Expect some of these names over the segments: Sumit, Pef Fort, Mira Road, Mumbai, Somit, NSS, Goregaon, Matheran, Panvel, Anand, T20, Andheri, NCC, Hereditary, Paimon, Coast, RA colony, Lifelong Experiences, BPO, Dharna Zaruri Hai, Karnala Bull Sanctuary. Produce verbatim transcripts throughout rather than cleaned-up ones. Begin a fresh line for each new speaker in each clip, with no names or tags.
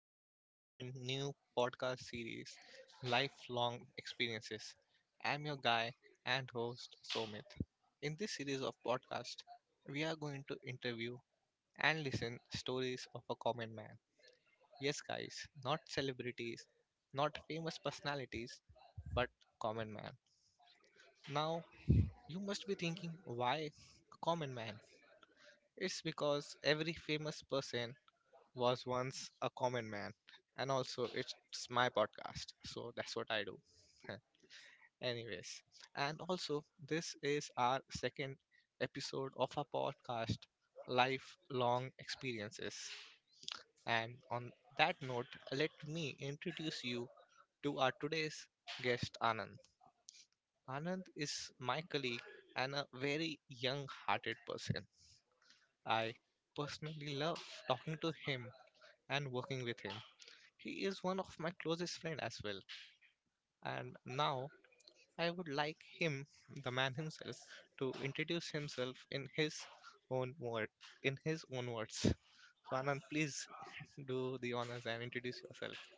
to this brand new podcast series, Lifelong Experiences. I'm your guy and host, Somit. In this series of podcast, we are going to interview and listen stories of a common man. Yes, guys, not celebrities, not famous personalities, but common man. Now, you must be thinking, why common man? It's because every famous person was once a common man. And also, it's my podcast. So that's what I do. Anyways, and also, this is our second episode of our podcast, Lifelong Experiences. And on that note, let me introduce you to our today's guest, Anand. Anand is my colleague and a very young hearted person. I personally love talking to him and working with him. He is one of my closest friend as well. And now I would like him, the man himself, to introduce himself in his own word, in his own words. So Anand, please do the honors and introduce yourself.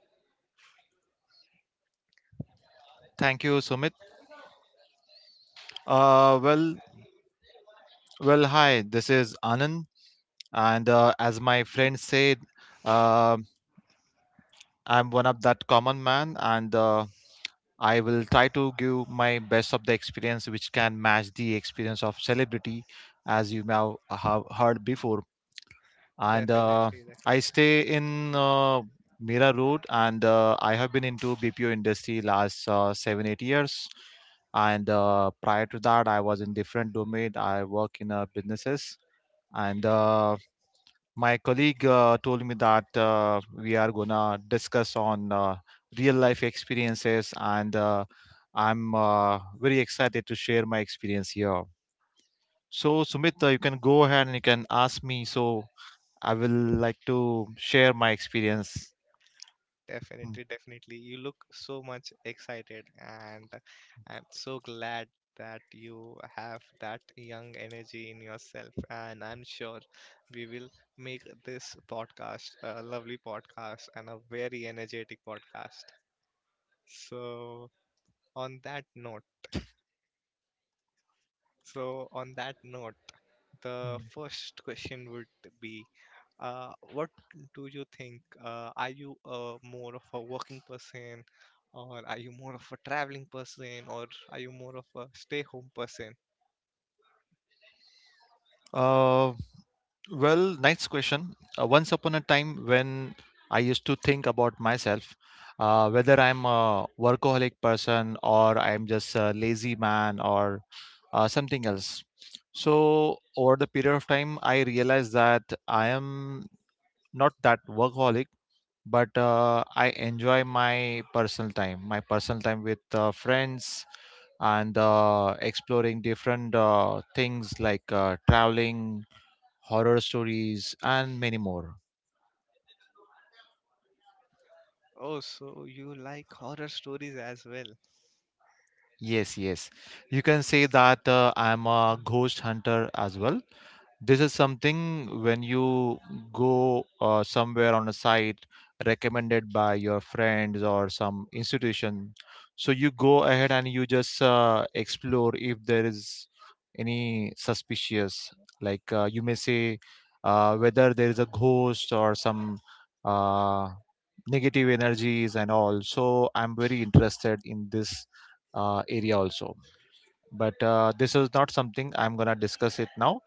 Thank you, Sumit. Uh, well, well, hi. This is Anand, and uh, as my friend said, uh, I'm one of that common man, and uh, I will try to give my best of the experience, which can match the experience of celebrity, as you may have have heard before. And uh,
Definitely,
I
definitely.
stay in uh, Mira Road, and uh, I have been into B P O industry last uh, seven eight years. And uh, prior to that, I was in different domain. I work in uh, businesses, and uh, my colleague uh, told me that uh, we are gonna discuss on uh, real life experiences, and uh, I'm uh, very excited to share my experience here. So Sumit, uh, you can go ahead and you can ask me. So I will like to share my experience. Hmm.
Definitely, definitely. You look so much excited, and I'm so glad that you have that young energy in yourself. And I'm sure we will make this podcast a lovely podcast and a very energetic podcast. So, on that note, so on that note, the first question would be uh, what do you think? Uh, are you uh, more of a working person, or are you more of a traveling person, or are you more of a stay home person?
Uh, well, next question. Uh, once upon a time when I used to think about myself, uh, whether I'm a workaholic person or I'm just a lazy man or uh, something else. So, over the period of time, I realized that I am not that workaholic, but uh, I enjoy my personal time, my personal time with uh, friends and uh, exploring different uh, things like uh, traveling, horror stories, and many more.
Oh, so you like horror stories as well.
Yes, yes. You can say that uh, I'm a ghost hunter as well. This is something when you go uh, somewhere on a site recommended by your friends or some institution, so you go ahead and you just uh, explore if there is any suspicious, like uh, you may say uh, whether there is a ghost or some uh, negative energies and all. So I'm very interested in this uh, area also, but uh, this is not something I'm gonna discuss it now.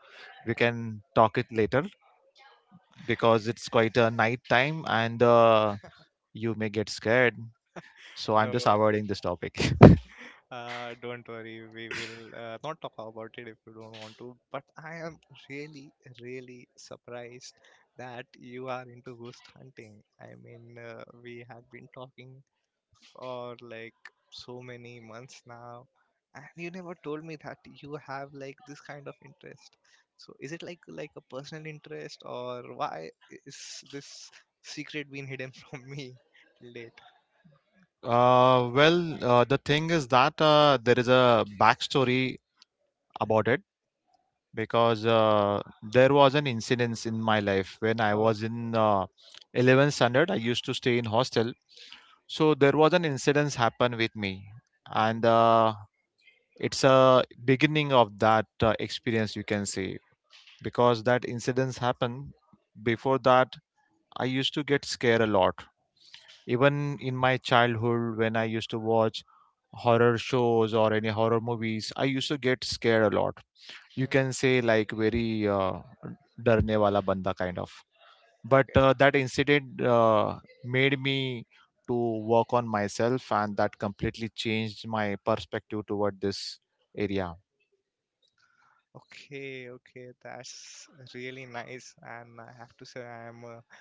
We can talk it later because it's quite a night time, and uh, you may get scared. So I'm just
No,
avoiding this topic.
uh, don't worry. We will uh, not talk about it if you don't want to. But I am really, really surprised that you are into ghost hunting. I mean, uh, we have been talking for like so many months now and you never told me that you have like this kind of interest, so is it like like a personal interest, or why is this secret being hidden from me till date?
Uh, well, uh, the thing is that uh, there is a backstory about it, because uh, there was an incidence in my life when I was
Oh.
in uh, eleventh standard. I used to stay in hostel, so there was an incidence happen with me, and
Mm-hmm.
uh, it's a beginning of that uh, experience, you can say. Because that incidents happen before that, I used to get scared a lot, even in my childhood. When I used to watch horror shows or any horror movies, I used to get scared a lot. You can
Mm.
say like very uh, darne wala banda kind of, but uh,
Okay.
that incident uh, made me to work on myself, and that completely changed my perspective toward this area.
Okay, okay, that's really nice, and I have to say I'm uh,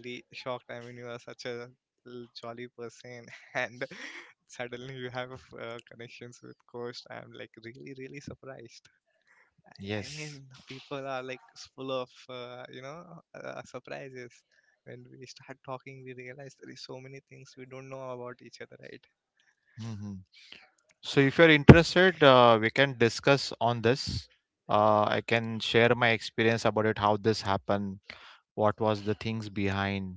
really shocked. I mean, you are such a l- jolly person, and suddenly you have uh, connections with Coast. I'm like really, really surprised. I
Yes.
mean, people are like full of uh, you know uh, surprises. When we start talking, we realize there is so many things we don't know about each other, right?
Mm-hmm. So if you're interested, uh, we can discuss on this. Uh, I can share my experience about it, how this happened, what was the things behind.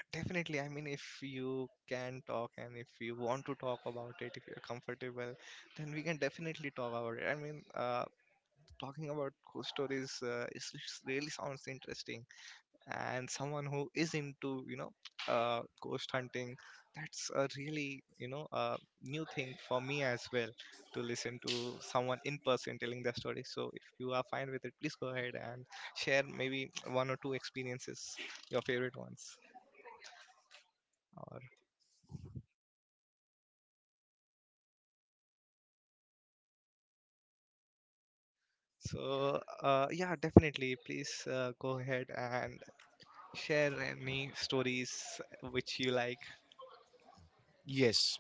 Uh, definitely. I mean, if you can talk and if you want to talk about it, if you're comfortable, then we can definitely talk about it. I mean, uh, talking about ghost stories uh, is, is really sounds interesting. And someone who is into, you know, uh, ghost hunting, that's a really, you know, uh, new thing for me as well to listen to someone in person telling their story. So if you are fine with it, please go ahead and share maybe one or two experiences, your favorite ones. Or. So, uh, yeah, definitely. Please uh, go ahead and share any stories which you like.
Yes.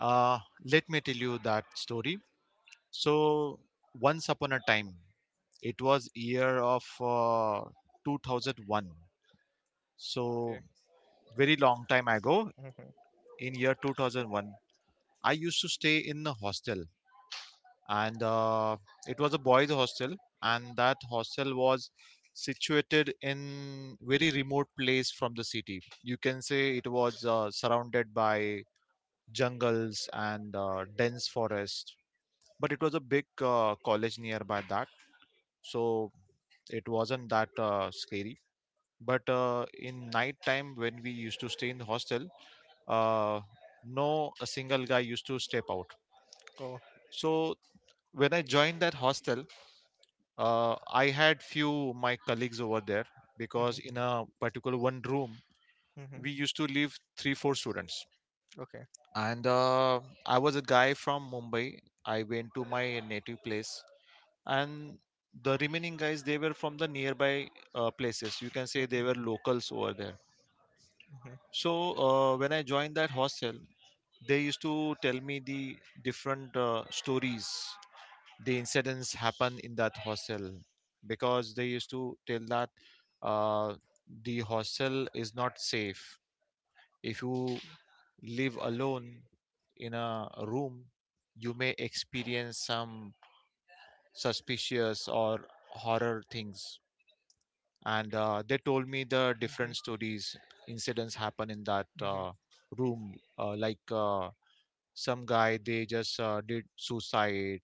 Uh, let me tell you that story. So, once upon a time, it was year of uh, two thousand one. So,
Okay.
very long time ago,
Hmm.
in year two thousand one, I used to stay in a hostel. And uh, it was a boys hostel, and that hostel was situated in very remote place from the city. You can say it was uh, surrounded by jungles and uh, dense forest, but it was a big uh, college nearby that. So it wasn't that uh, scary, but uh, in night time when we used to stay in the hostel, uh, no a single guy used to step out.
Oh.
So when I joined that hostel, uh, I had few my colleagues over there, because
Hmm.
in a particular one room, we
Hmm.
used to live three four students.
Okay.
And uh, I was a guy from Mumbai. I went to my native place, and the remaining guys, they were from the nearby uh, places. You can say they were locals over there.
Hmm.
So uh, when I joined that hostel, they used to tell me the different uh, stories, the incidents happen in that hostel, because they used to tell that uh, the hostel is not safe. If you live alone in a room, you may experience some suspicious or horror things. And uh, they told me the different
Hmm.
stories, incidents happen in that uh,
Hmm.
room, uh, like uh, some guy they just uh, did suicide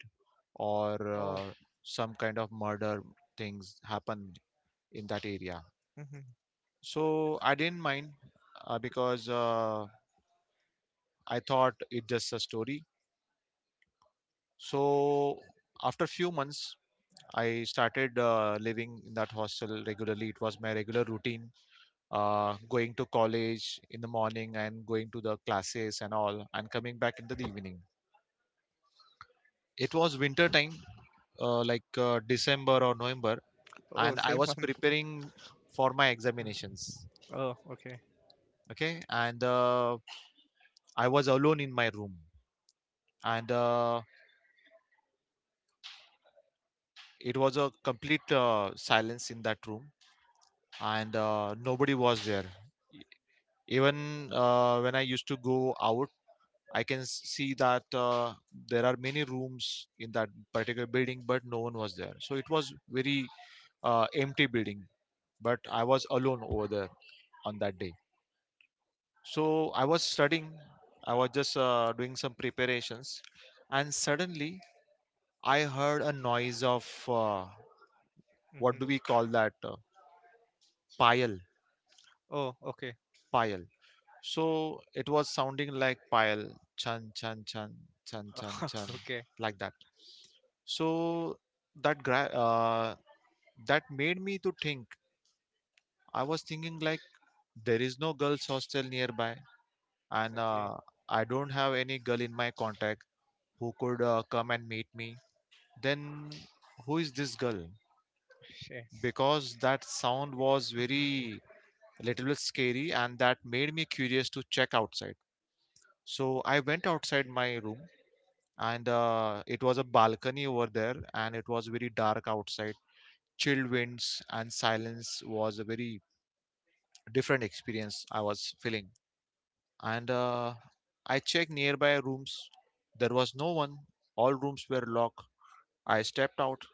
or uh,
Oh.
some kind of murder things happened in that area.
Hmm.
So I didn't mind uh, because uh, I thought it's just a story. So after few months, I started uh, living in that hostel regularly. It was my regular routine, uh, going to college in the morning and going to the classes and all, and coming back in the evening. It was winter time, uh, like uh, December or
Hmm.
November, and
Oh,
I was
same month.
preparing for my examinations.
Oh, okay.
Okay. And uh, I was alone in my room, and uh, it was a complete uh, silence in that room, and uh, nobody was there. E- Even uh, when I used to go out, I can s- see that uh, there are many rooms in that particular building, but no one was there. So it was very uh, empty building, but I was alone over there on that day. So I was studying, I was just uh, doing some preparations, and suddenly I heard a noise of uh, what do we
Hmm.
call that? Uh, payal,
Oh, okay.
payal. So it was sounding like payal, chan, chan, chan, chan, chan, chan,
Okay.
like that. So that gra- uh, that made me to think. I was thinking like there is no girls hostel nearby, and uh,
Exactly.
I don't have any girl in my contact who could uh, come and meet me. Then, who is this girl?
Shit.
Because that sound was
Hmm.
very little bit scary, and that made me curious to check outside. So I went outside my room, and uh, it was a balcony over there, and it was very dark outside. Chilled winds and silence was a very different experience I was feeling. And uh, I checked nearby rooms. There was no one. All rooms were locked. I stepped out,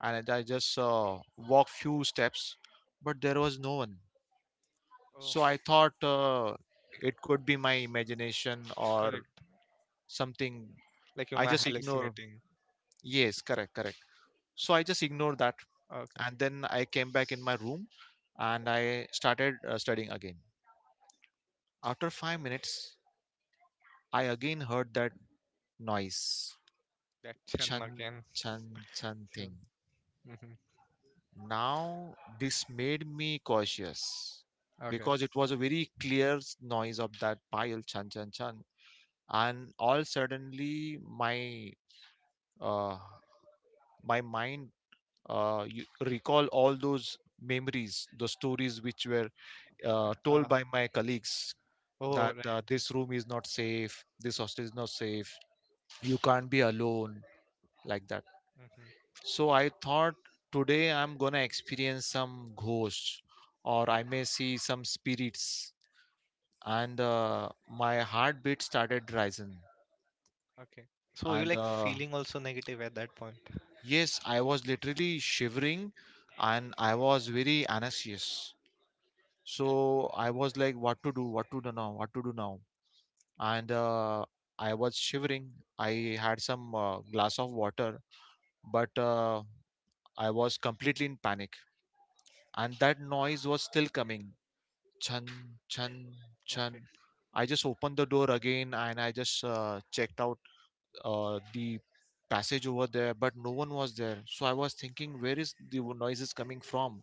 and I just uh, walked few steps, but there was no one. So
Oh,
I thought uh, it could be my imagination or
correct.
something.
Like
I
you might
just ignored.
hallucinating.
Yes, correct, correct. So I just ignored that,
Okay.
and then I came back in my room, and I started uh, studying again. After five minutes, I again heard that noise,
That
chan
Chan again.
chan chan thing.
So. Hmm.
Now, this made me cautious
Okay.
because it was a very clear s- noise of that pile chan chan chan, and all suddenly my uh, my mind, uh, you recall all those memories, the stories which were uh, told
Uh,
by my colleagues that
oh,
uh,
right.
this room is not safe, this hostel is not safe, you can't be alone, like that.
Hmm.
So I thought today I'm gonna experience some ghosts, or I may see some spirits. And uh, my heartbeat started rising.
Okay. So you
And
like
uh,
feeling also negative at that point.
yes, I was literally shivering, and I was very anxious. So I was like, what to do, what to do now, what to do now. And uh, I was shivering. I had some uh, glass of water, but uh, I was completely in panic. And that noise was still coming, chun, chun,
Okay.
chun. I just opened the door again, and I just uh, checked out uh, the passage over there, but no one was there. So I was thinking, where is the wo- noise is coming from?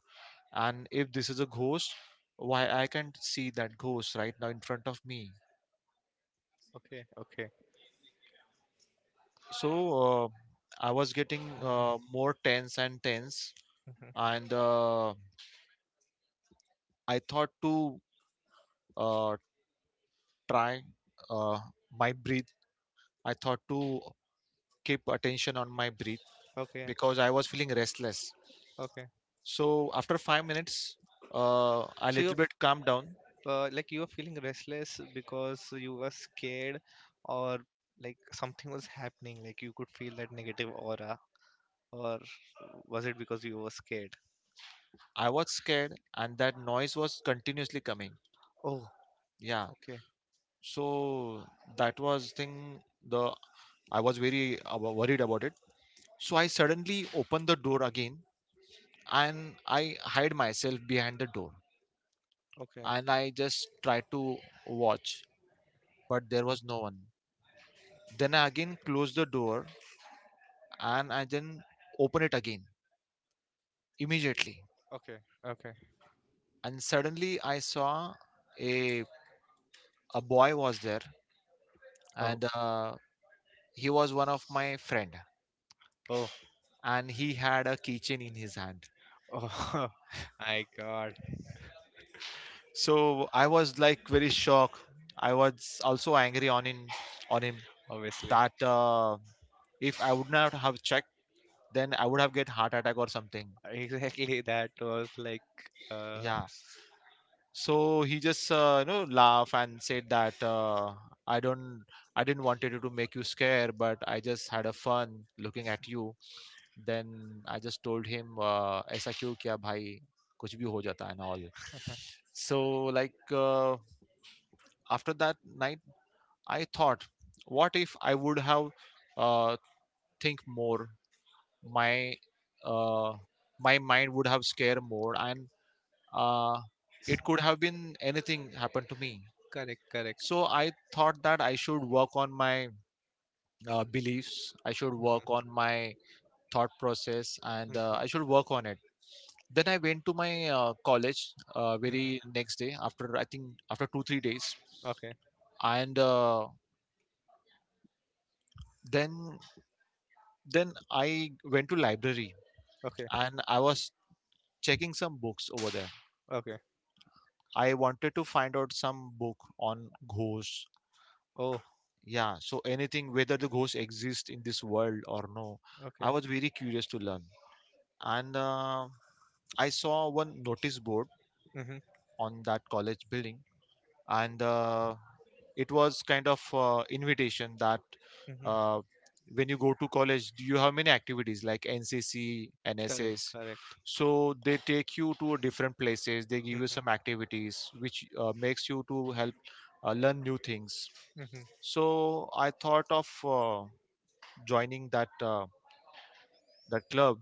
And if this is a ghost, why I can't see that ghost right now in front of me?
Okay. Okay.
So uh, I was getting
Mhm,
uh, more tense and tense,
mhm.
and uh, I thought to uh, try uh, my breath. I thought to keep attention on my breath
Okay.
because I was feeling restless.
Okay.
So after five minutes, uh, a
So
little
you're f-
bit calmed down.
uh, like you were feeling restless because you were scared, or like something was happening. Like you could feel that negative aura, or was it because you were scared?
I was scared, and that noise was continuously coming.
Oh.
Yeah,
Okay.
so that was thing. The I was very abo- worried about it. So I suddenly opened the door again, and I hide myself behind the door,
Okay.
and I just tried to watch, but there was no one. Then I again close the door, and I then open it again immediately,
Okay. Okay.
and suddenly I saw a a boy was there.
Oh.
And uh, he was one of my friend,
Oh.
and he had a keychain in his hand.
Oh. My God.
So I was like very shocked. I was also angry on him on him
Obviously.
that uh, If I would not have checked, then I would have get heart attack or something.
Exactly. That was like. Uh,
Yeah. So he just uh, you know laugh and said that uh, i don't i didn't wanted to make you scare, but I just had a fun looking at you. Then I just told him, uh, ऐसा क्यों किया भाई कुछ भी हो जाता है and all. So like uh, after that night, I thought, what if I would have uh, think more? My uh, my mind would have scared more, and uh, it could have been anything happened to me.
Correct, correct.
So I thought that I should work on my uh, beliefs. I should work
Mhm,
on my thought process, and uh, I
mhm,
should work on it. Then I went to my uh, college uh, very
mhm.
next day, after I think after two three days.
Okay,
And uh, then then i went to library,
okay,
and I was checking some books over there.
okay.
I wanted to find out some book on ghosts.
Oh,
Yeah, so anything, whether the ghosts exist in this world or no. I
okay.
was very curious to learn, and uh, I saw one notice board
Mm-hmm,
on that college building. And uh, it was kind of uh, invitation that
mm-hmm.
uh, when you go to college, do you have many activities like NCC,
Correct,
NSS?
correct.
So they take you to different places, they give you
Mm-hmm,
some activities which uh, makes you to help uh, learn new things.
mm-hmm,
So I thought of uh, joining that uh, that club,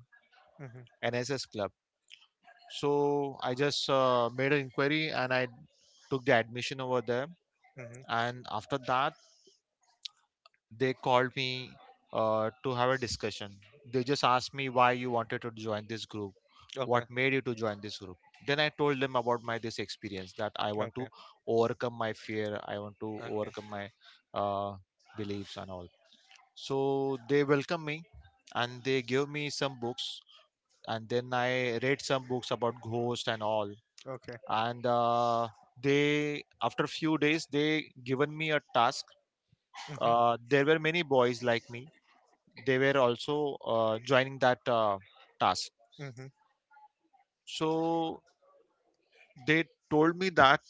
mm-hmm,
NSS club. So I just uh, made an inquiry, and I took the admission over there.
mm-hmm.
And after that, they called me uh, to have a discussion. They just asked me, why you wanted to join this group, what
Okay,
made you to join this group? Then I told them about my this experience, that I want to
okay,
overcome my fear, I want to
okay,
overcome my uh, beliefs and all. So they welcomed me, and they gave me some books, and then I read some books about ghost and all.
okay.
And uh, they, after few days, they given me a task.
Mm-hmm,
Uh, there were many boys like me, they were also uh, joining that uh, task.
mm-hmm,
So they told me that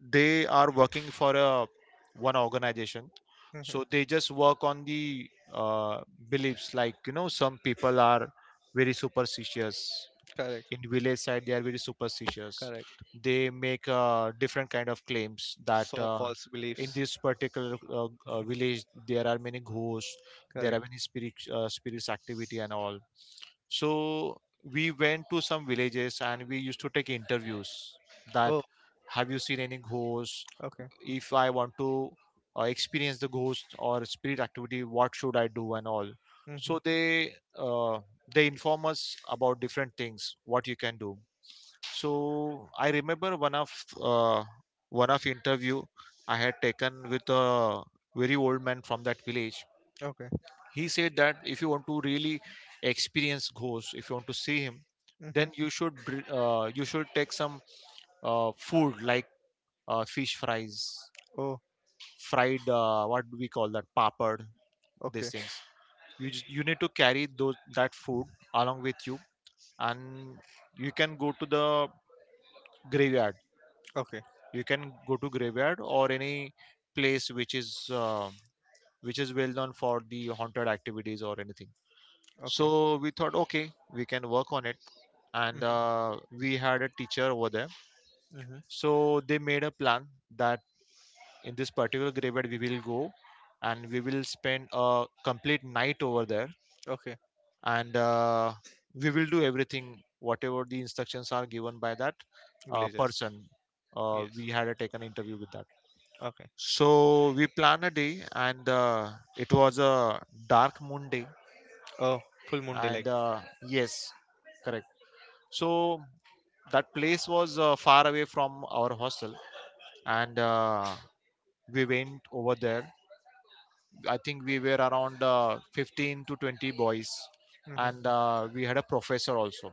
they are working for a one organization.
mm-hmm.
So they just work on the uh, beliefs, like, you know, some people are very superstitious.
Correct,
In village side, they are very superstitious,
correct.
they make uh, different kind of claims that
So
uh,
false
in
beliefs.
this particular uh, uh, village there are many ghosts, there are
Correct.
many spirit uh, spirits activity and all. So we went to some villages, and we used to take interviews, that
Oh,
have you seen any ghosts?
okay.
If I want to uh, experience the ghost or spirit activity, what should I do and all.
Mm-hmm,
So they uh, they inform us about different things, what you can do. So I remember one of uh, one of interview I had taken with a very old man from that village.
okay.
He said that if you want to really experience ghost, if you want to see him,
Mm-hmm.
then you should br- uh, you should take some uh, food like uh, fish fries,
Oh,
fried uh, what do we call that, papad, these
okay,
things. You just, you need to carry those that food along with you, and you can go to the graveyard.
okay,
You can go to graveyard or any place which is uh, which is well known for the haunted activities or anything.
okay.
So we thought, okay, we can work on it. And
Mm-hmm,
uh, we had a teacher over there.
mm-hmm.
So they made a plan that in this particular graveyard we will go, and we will spend a complete night over there.
Okay.
And uh, we will do everything whatever the instructions are given by that uh,
Villages.
person uh,
Yes.
we had a taken interview with that.
Okay.
So we planned a day. And uh, it was a dark moon day.
Oh, full moon daylight.
And uh, yes, correct. So that place was uh, far away from our hostel. And uh, we went over there. I think we were around uh, fifteen to twenty boys.
Mm-hmm.
And uh, we had a professor also.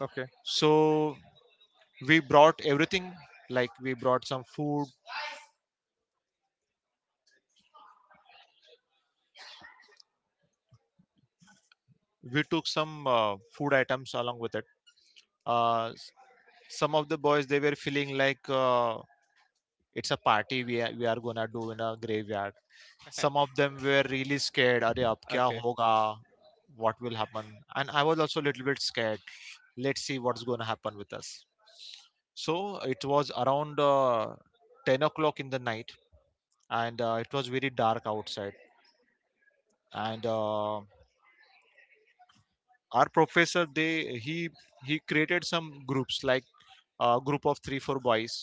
Okay.
So we brought everything, like we brought some food, we took some uh, food items along with it. uh, s- some of the boys, they were feeling like uh, it's a party we are, we are gonna do in a graveyard. Some of them were really scared, Are ab kya
Okay.
hoga? What will happen? And I was also a little bit scared, let's see what's gonna happen with us. So it was around uh, ten o'clock in the night. And uh, it was very dark outside. And uh, our professor they he he created some groups, like a group of three four boys.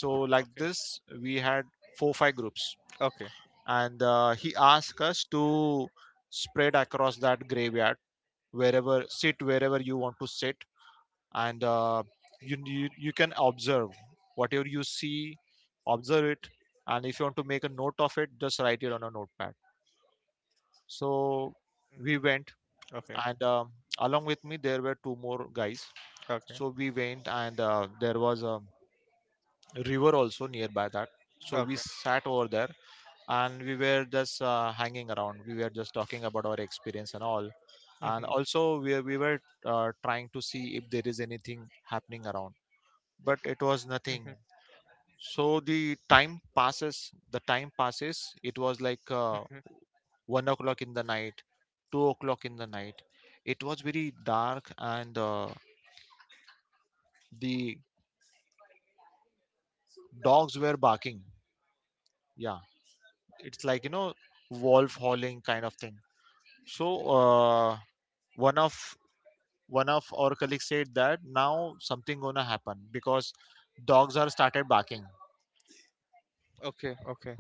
So like
Okay.
this, we had four five groups.
Okay.
And uh, he asked us to spread across that graveyard, wherever sit, wherever you want to sit. And uh, you, you you can observe whatever you see, observe it. And if you want to make a note of it, just write it on a notepad. So we
Mhm.
went.
Okay.
And um, along with me, there were two more guys.
Okay.
So we went. And uh, there was a river also nearby that. So we
Okay.
sat over there. And we were just uh, hanging around, we were just talking about our experience and all. And
Mhm.
also we, we were uh, trying to see if there is anything happening around, but it was nothing.
Mhm.
So the time passes the time passes it was like uh,
Mhm.
one o'clock in the night, two o'clock in the night. It was very dark. And uh, the dogs were barking. Yeah, it's like, you know, wolf howling kind of thing. So uh, one of one of our colleagues said that now something gonna happen, because dogs are started barking,
Okay. Okay.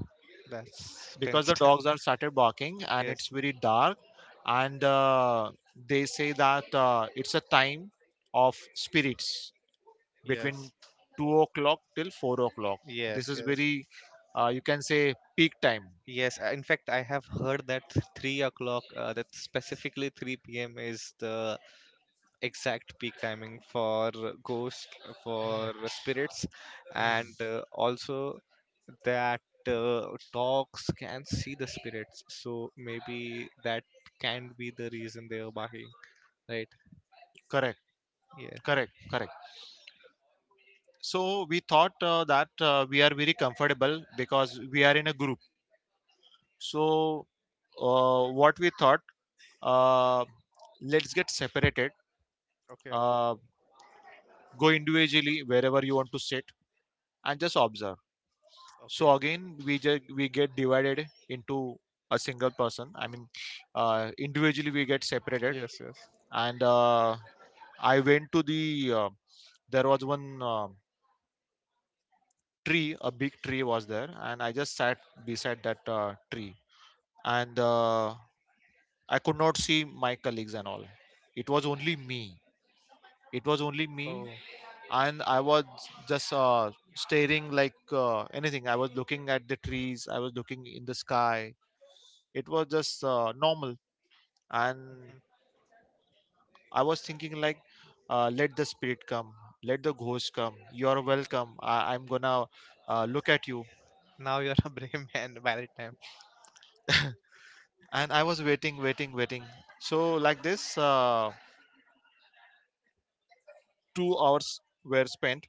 That's
because the
tensed.
dogs are started barking and it's
Yes.
very dark. And uh, they say that uh, it's a time of spirits between
Yes.
two o'clock till four o'clock, this
Yes.
is
Yes.
very uh, you can say peak time.
Yes. uh, In fact, I have heard that three o'clock. Uh, that specifically three p m is the exact peak timing for ghost for spirits, and uh, also that uh, dogs can see the spirits. So maybe that can be the reason they are barking. Right.
Correct,
Yes.
correct, correct. So we thought uh, that uh, we are very comfortable because we are in a group. So uh, what we thought, uh, let's get separated,
Okay.
uh, go individually wherever you want to sit and just observe.
Okay.
So again, we just we get divided into a single person, I mean, uh, individually we get separated.
Yes. Yes.
And uh, I went to the uh, there was one uh, tree, a big tree was there, and I just sat beside that uh, tree. And uh, I could not see my colleagues and all. It was only me it was only me
Oh.
And I was just uh, staring like uh, anything, I was looking at the trees, I was looking in the sky. It was just uh, normal. And
Mhm.
I was thinking like, uh, let the spirit come, let the ghost come, you're welcome, I- I'm gonna uh, look at you.
Now you're a brave man by the time.
And I was waiting waiting waiting so like this, uh, two hours were spent.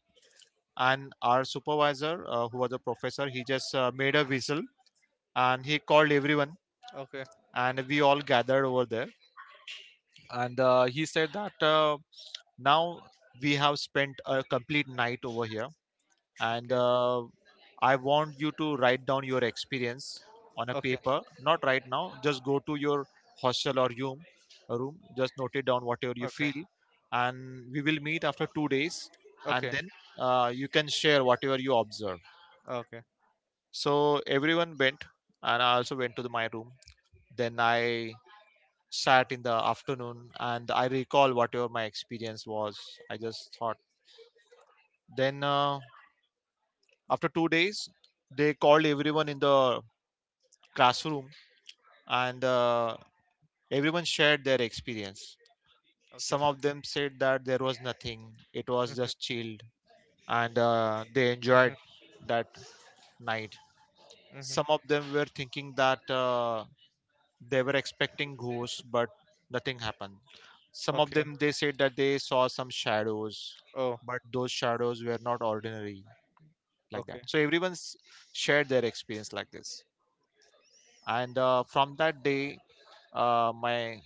And our supervisor, uh, who was a professor, he just uh, made a whistle, and he called everyone.
Okay.
And we all gathered over there. And uh, he said that uh, now we have spent a complete night over here. And
Okay.
uh, I want you to write down your experience on a
Okay.
paper, not right now, just go to your hostel or room room just note it down whatever you
Okay.
feel. And we will meet after two days, and
Okay.
then uh, you can share whatever you observe.
Okay.
So everyone went, and I also went to the, my room. Then I sat in the afternoon, and I recall whatever my experience was. I just thought. Then uh, after two days, they called everyone in the classroom, and uh, everyone shared their experience.
Okay.
Some of them said that there was nothing, it was
Mhm,
just chilled, and uh, they enjoyed
mhm,
that night.
mhm.
Some of them were thinking that. Uh, they were expecting ghosts but nothing happened. Some of
Okay.
them, they said that they saw some shadows,
Oh.
but those shadows were not ordinary like that.
Okay.
So everyone's shared their experience like this. And uh, from that day, uh, my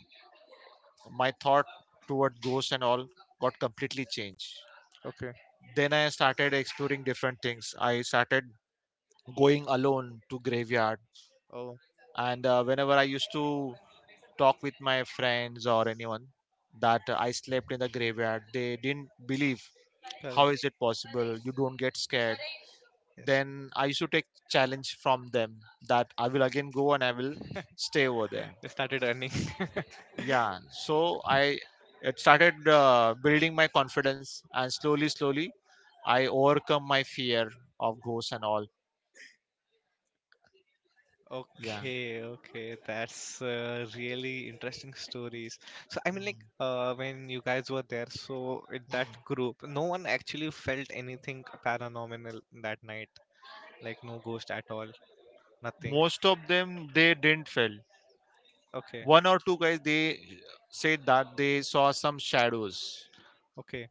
my thought toward ghosts and all got completely changed.
Okay.
Then I started exploring different things, I started going alone to graveyard.
Oh.
And uh, whenever I used to talk with my friends or anyone that I slept in the graveyard, they didn't believe. How
Correct.
is it possible? You don't get scared.
Yes.
Then I used to take challenge from them that I will again go and I will stay over there.
They started earning.
Yeah. So I, it started uh, building my confidence, and slowly, slowly I overcome my fear of ghosts and all. Yeah.
Okay, okay, that's uh, really interesting stories. So I mean,
Mm.
like, uh, when you guys were there, so in that group, no one actually felt anything paranormal that night, like no ghost at all, nothing.
Most of them, they didn't feel.
Okay,
One or two guys, they said that they saw some shadows,
okay,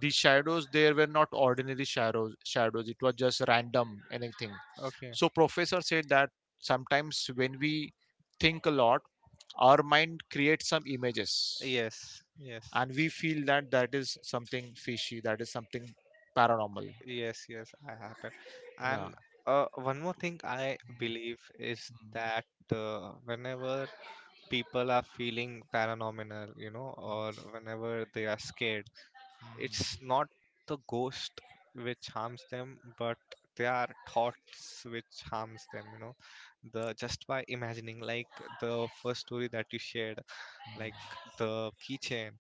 the shadows there were not ordinary shadows shadows it was just random anything.
okay.
So professor said that sometimes when we think a lot, our mind creates some images,
Yes, yes,
and we feel that that is something fishy, that is something paranormal.
yes, yes. I happen.
Yeah.
And uh, one more thing I believe is that uh, whenever people are feeling paranormal, you know, or whenever they are scared, it's not the ghost which harms them, but their thoughts which harms them. You know, the just by imagining, like the first story that you shared. Like the keychain.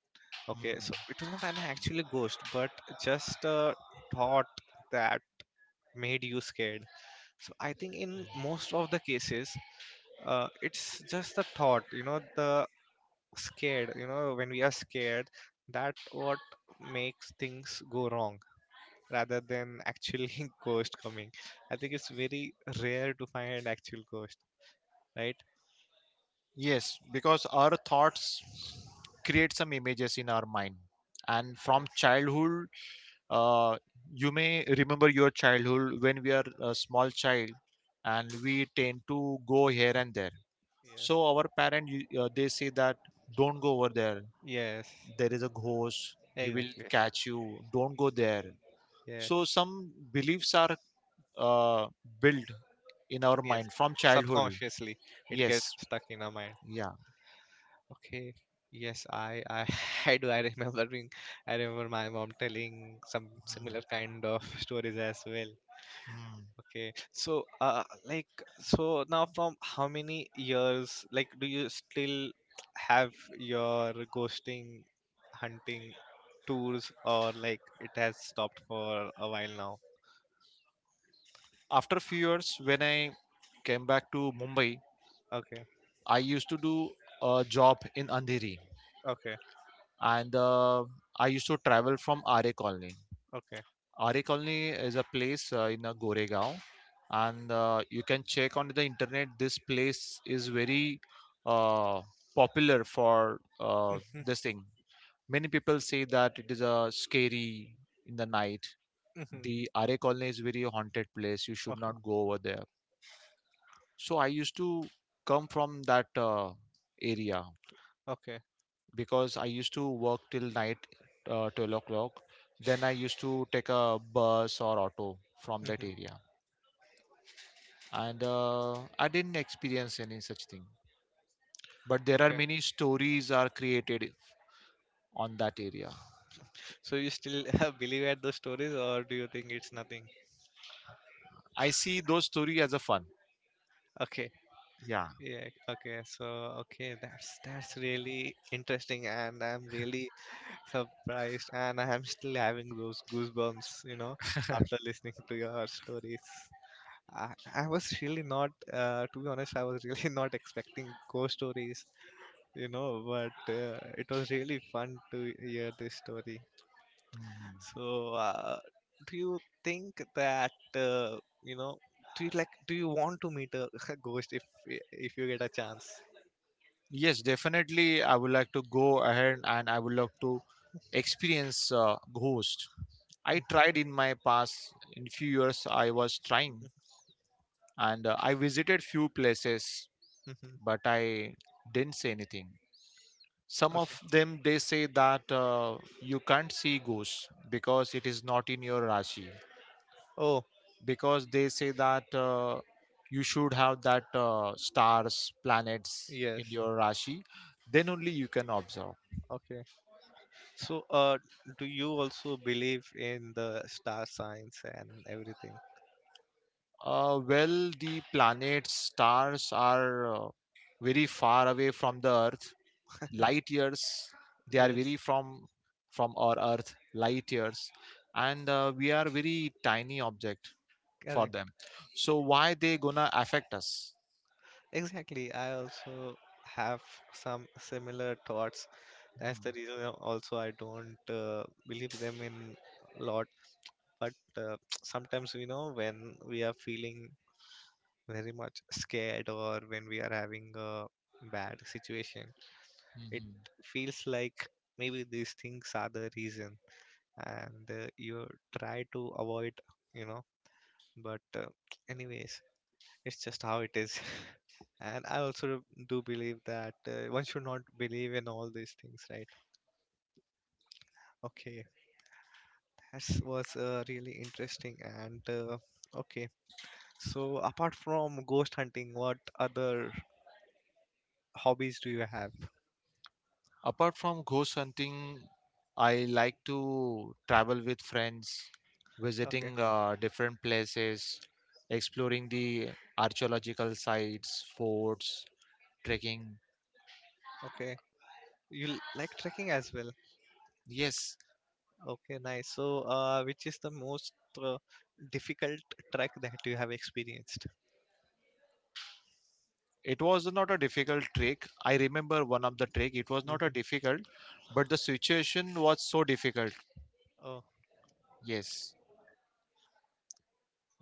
Okay, so it was not an actually ghost, but just a thought that made you scared. So I think in most of the cases, uh, it's just the thought, you know, the scared, you know, when we are scared, that what makes things go wrong rather than actually ghost coming. I think it's very rare to find an actual ghost, right?
Yes, because our thoughts create some images in our mind. And from
Yes,
childhood, uh, you may remember your childhood, when we are a small child and we tend to go here and there.
yes,
So our parent, you- uh, they say that don't go over there,
yes,
there is a ghost, he will
exactly.
catch you, don't go there. So
Yes.
some beliefs are uh, built in our
Yes,
mind from childhood.
subconsciously it
Yes.
gets stuck in our mind.
Yeah.
Okay, yes, I I I do. I remember being, I remember my mom telling some similar kind of stories as well.
Hmm.
Okay, so uh, like so now from how many years like do you still have your ghosting hunting tours, or like it has stopped for a while now?
After a few years when i came back to Mumbai,
Okay,
i used to do a job in Andheri,
okay,
and uh, i used to travel from Ra Colony.
okay.
Ra Colony is a place uh, in uh, Goregaon, and uh, you can check on the internet. This place is very uh, popular for uh, this thing. Many people say that it is a scary in the night.
Mhm,
The Ra Colony is very haunted place, you should
okay,
not go over there. So I used to come from that uh, area
okay,
because I used to work till night, uh, twelve o'clock. Then I used to take a bus or auto from that
mhm,
area, and uh, I didn't experience any such thing. But there are
okay.
many stories are created on that area.
So you still believe at those stories, or do you think it's nothing?
I see those stories as a fun.
Okay,
Yeah.
yeah, okay. So okay, that's that's really interesting, and I'm really surprised, and I'm still having those goosebumps, you know, after listening to your stories. I, I was really not, uh, to be honest, I was really not expecting ghost stories, you know, but uh, it was really fun to hear this story.
Mhm.
So, uh, do you think that uh, you know? Do you like? Do you want to meet a ghost if if you get a chance?
Yes, definitely. I would like to go ahead and I would like to experience uh, ghost. I tried
Hmm.
in my past in few years I was trying, and uh, I visited few places,
Hmm.
but I didn't say anything. Some
Okay.
of them they say that uh, you can't see ghosts because it is not in your Rashi,
Oh,
because they say that uh, you should have that uh, stars planets
yes.
in your Rashi, then only you can observe.
Okay. So, uh, do you also believe in the star signs and everything?
Uh, well, the planets stars are uh, very far away from the earth, light years. They are very
Yes.
from from our earth, light years, and uh, we are very tiny object for them,
Correct.
so why they gonna affect us?
Exactly. I also have some similar thoughts. That's the reason uh, also I don't uh, believe them in lot, but uh, sometimes you know when we are feeling very much scared, or when we are having a bad situation, it
Mhm.
feels like maybe these things are the reason, and uh, you try to avoid, you know but uh, anyways, it's just how it is. And I also do believe that uh, one should not believe in all these things, right? Okay, that was uh, really interesting, and uh, okay. So apart from ghost hunting, what other hobbies do you have?
Apart from ghost hunting, i like to travel with friends,
Okay,
visiting uh, different places, exploring the archaeological sites, forts, trekking.
okay. You l- like trekking as well.
Yes.
Okay, nice. So, uh, which is the most uh, difficult trek that you have experienced?
It was not a difficult trick. I remember one of the trick. It was not a
Hmm.
difficult, but the situation was so difficult.
Oh,
Yes.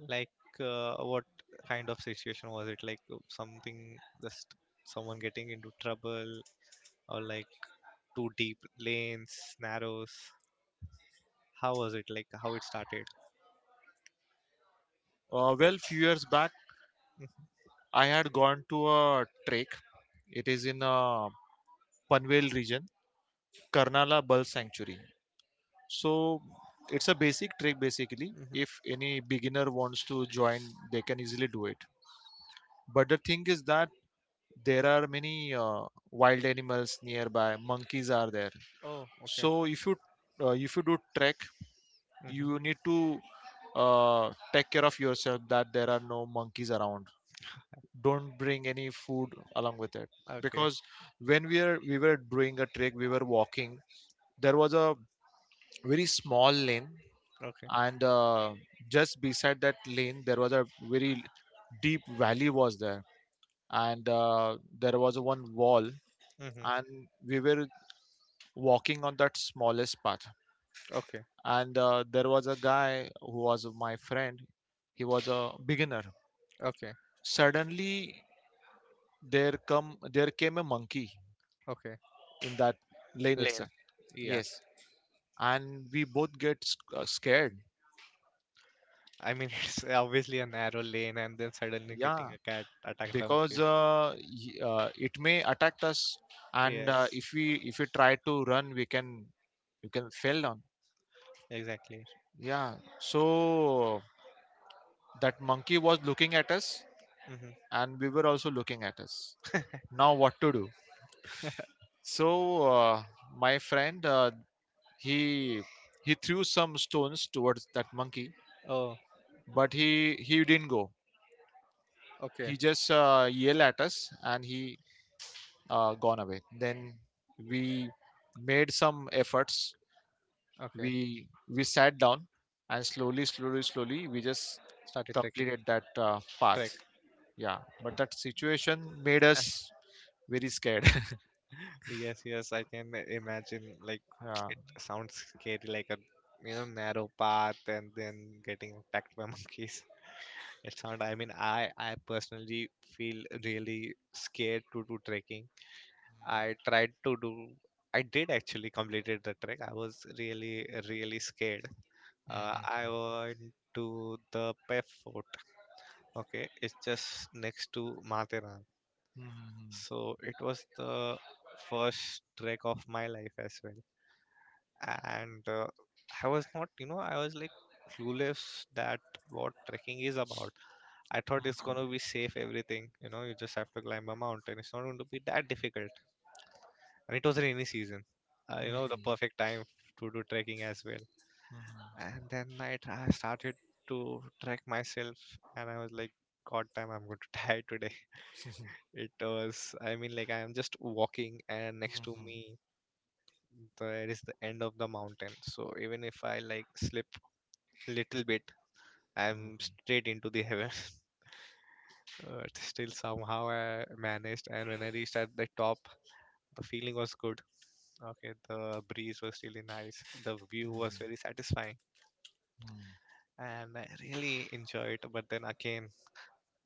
like uh, what kind of situation was it? Like uh, something just someone getting into trouble, or like too deep lanes, narrows. How was it? Like how it started?
Uh, well, few years back,
Hmm.
I had gone to a trek. It is in uh, Panvel region, Karnala Bull Sanctuary. So it's a basic trek basically.
Hmm.
If any beginner wants to join, they can easily do it. But the thing is that there are many uh, wild animals nearby. Monkeys are there.
Oh, okay.
So if you uh, if you do trek, you
Hmm.
need to uh, take care of yourself that there are no monkeys around, don't bring any food along with it.
Okay.
Because when we are we were doing a trek, we were walking. There was a very small lane,
Okay.
and uh, just beside that lane there was a very deep valley was there, and uh, there was one wall,
Mm-hmm.
and we were walking on that smallest path,
Okay,
and uh, there was a guy who was my friend, he was a beginner.
okay,
Suddenly there come there came a monkey
okay.
in that lane
Lane.
itself.
Yeah.
Yes. And we both get sc- uh, scared.
I mean, it's obviously a narrow lane, and then suddenly getting
Yeah,
a cat attacked by
because
monkey.
uh, y- uh, it may attack us, and uh,
Yes,
if we if we try to run, we can we can fell down.
exactly.
Yeah. So that monkey was looking at us,
Mm-hmm.
and we were also looking at us. Now what to do? So uh, my friend uh, he he threw some stones towards that monkey,
Oh,
but he he didn't go.
okay,
He just uh, yelled at us, and he uh, gone away. Then we made some efforts,
okay.
we we sat down, and slowly slowly slowly we just
Started trekking.
completed that uh,
Trek.
path. Yeah, but that situation made us very scared.
Yes, yes. I can imagine. Like,
Yeah.
it sounds scary, like a you know narrow path, and then getting attacked by monkeys. It's not. I mean, I I personally feel really scared to do trekking. I tried to do. I did actually completed the trek. I was really really scared. Uh, I
Mhm.
went to the Pef Fort. Okay, it's just next to Matheran.
Mhm.
So it was the first trek of my life as well, and uh, I was not. You know, I was like clueless that what trekking is about. I thought it's gonna
Mhm.
be safe everything. You know, you just have to climb a mountain. It's not going to be that difficult, and it was rainy season. Uh, you know, the
Mhm.
perfect time to do trekking as well.
Mhm. Mhm.
And then I, tr- I started to trek myself, and I was like, God damn, I'm going to die today. It was, I mean, like, I'm just walking, and next
Mhm.
to
Mhm.
me, there is the end of the mountain. So even if I like slip little bit, I'm
Mhm.
straight into the heaven. But still, somehow I managed, and when I reached at the top, the feeling was good. Okay, the breeze was really nice. The view was very satisfying,
Mhm,
and I really enjoyed. But then again,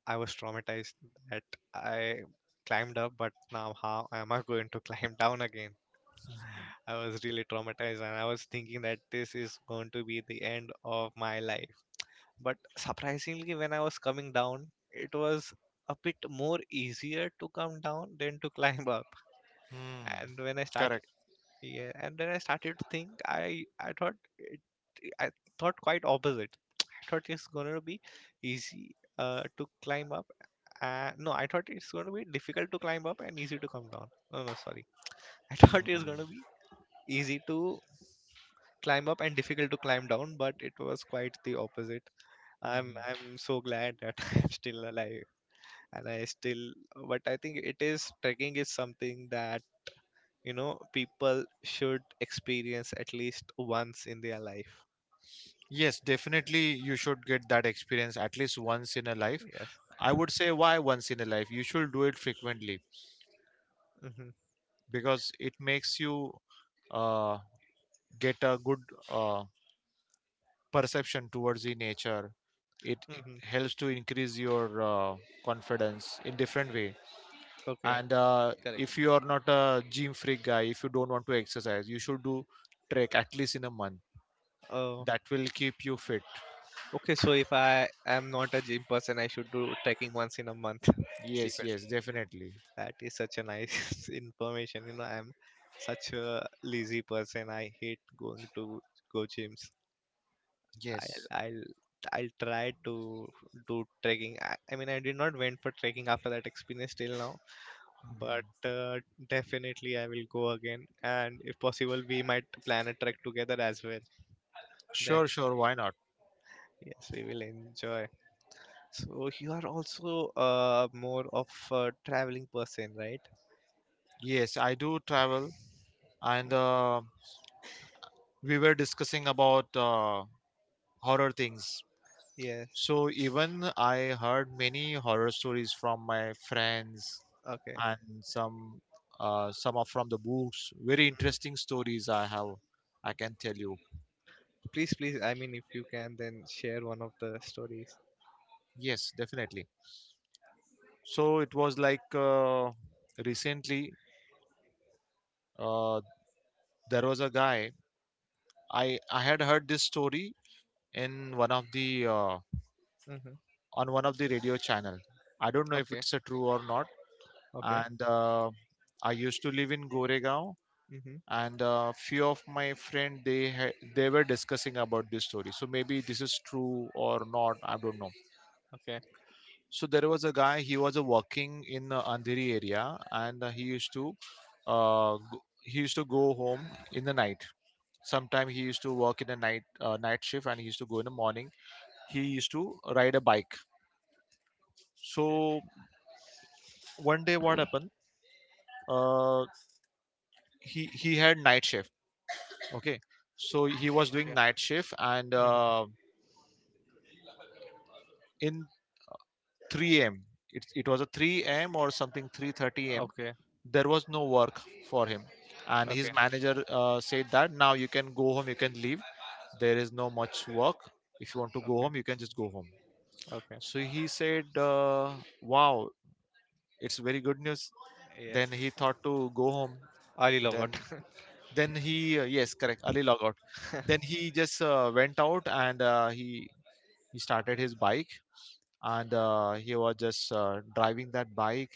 I was traumatized that I climbed up, but now how am I going to climb down again? I was really traumatized, and I was thinking that this is going to be the end of my life. But surprisingly, when I was coming down, it was a bit more easier to come down than to climb up.
mhm.
And when I started
Correct.
Yeah, and then I started to think. I I thought it, I thought quite opposite. I thought it's gonna be easy uh, to climb up. Uh, no, I thought it's gonna be difficult to climb up and easy to come down. No, no, sorry. I thought it's gonna
Mhm.
be easy to climb up and difficult to climb down, but it was quite the opposite. I'm
Mhm.
I'm so glad that I'm still alive and I still. But I think it is trekking is something that you know people should experience at least once in their life.
Yes, definitely you should get that experience at least once in a life.
Yes.
I would say why once in a life? You should do it frequently
Hmm.
because it makes you uh, get a good uh, perception towards the nature. It
Hmm.
helps to increase your uh, confidence in different way.
Okay.
And uh,
Correct.
if you are not a gym freak guy, if you don't want to exercise, you should do trek at least in a month.
Oh,
That will keep you fit.
okay, so if I am not a gym person, I should do trekking once in a month.
Yes,
Secret,
yes, definitely.
that is such a nice information. You know, I'm such a lazy person. I hate going to go gyms. i'll
Yes.
i'll I'll try to do trekking. I, I mean, I did not went for trekking after that experience till now,
Mhm.
but uh, definitely I will go again. And if possible, we might plan a trek together as well. Then,
Sure, sure. Why not?
yes, we will enjoy. So, you are also uh, more of a traveling person, right?
Yes, I do travel, and uh, we were discussing about uh, horror things.
Yes.
So even I heard many horror stories from my friends,
Okay.
and some uh, some are from the books. Very
Hmm.
interesting stories I have, I can tell you.
Please, please, I mean, if you can, then share one of the stories.
Yes, definitely. So it was like uh, recently uh, there was a guy. I I had heard this story in one of the uh,
Mm-hmm.
on one of the radio channel. I don't know if
Okay.
it's a true or not.
Okay.
And uh, I used to live in Goregaon,
Mm-hmm.
and a few of my friend they ha- they were discussing about this story. So maybe this is true or not, I don't know.
Okay.
So there was a guy. He was uh, working in uh, Andheri area, and uh, he used to uh, g- he used to go home in the night. Sometime he used to work in the night uh, night shift, and he used to go in the morning. He used to ride a bike.
Okay.
So one day, what happened? uh, he he had night shift. Okay. So he was doing
Okay.
night shift, and
Mm-hmm.
uh, in three a.m. it, it was a three a.m. or something three thirty a.m.
Okay.
there was no work for him, and his
Okay.
manager uh, said that now you can go home, you can leave. There is no much work. If you want to go
Okay.
home, you can just go home.
Okay.
So he said uh, wow, it's very good news. Then
Yes.
he thought to go home.
All you love
then
it.
then he uh, yes correct early logout. Then he just uh, went out, and uh, he he started his bike, and uh, he was just uh, driving that bike,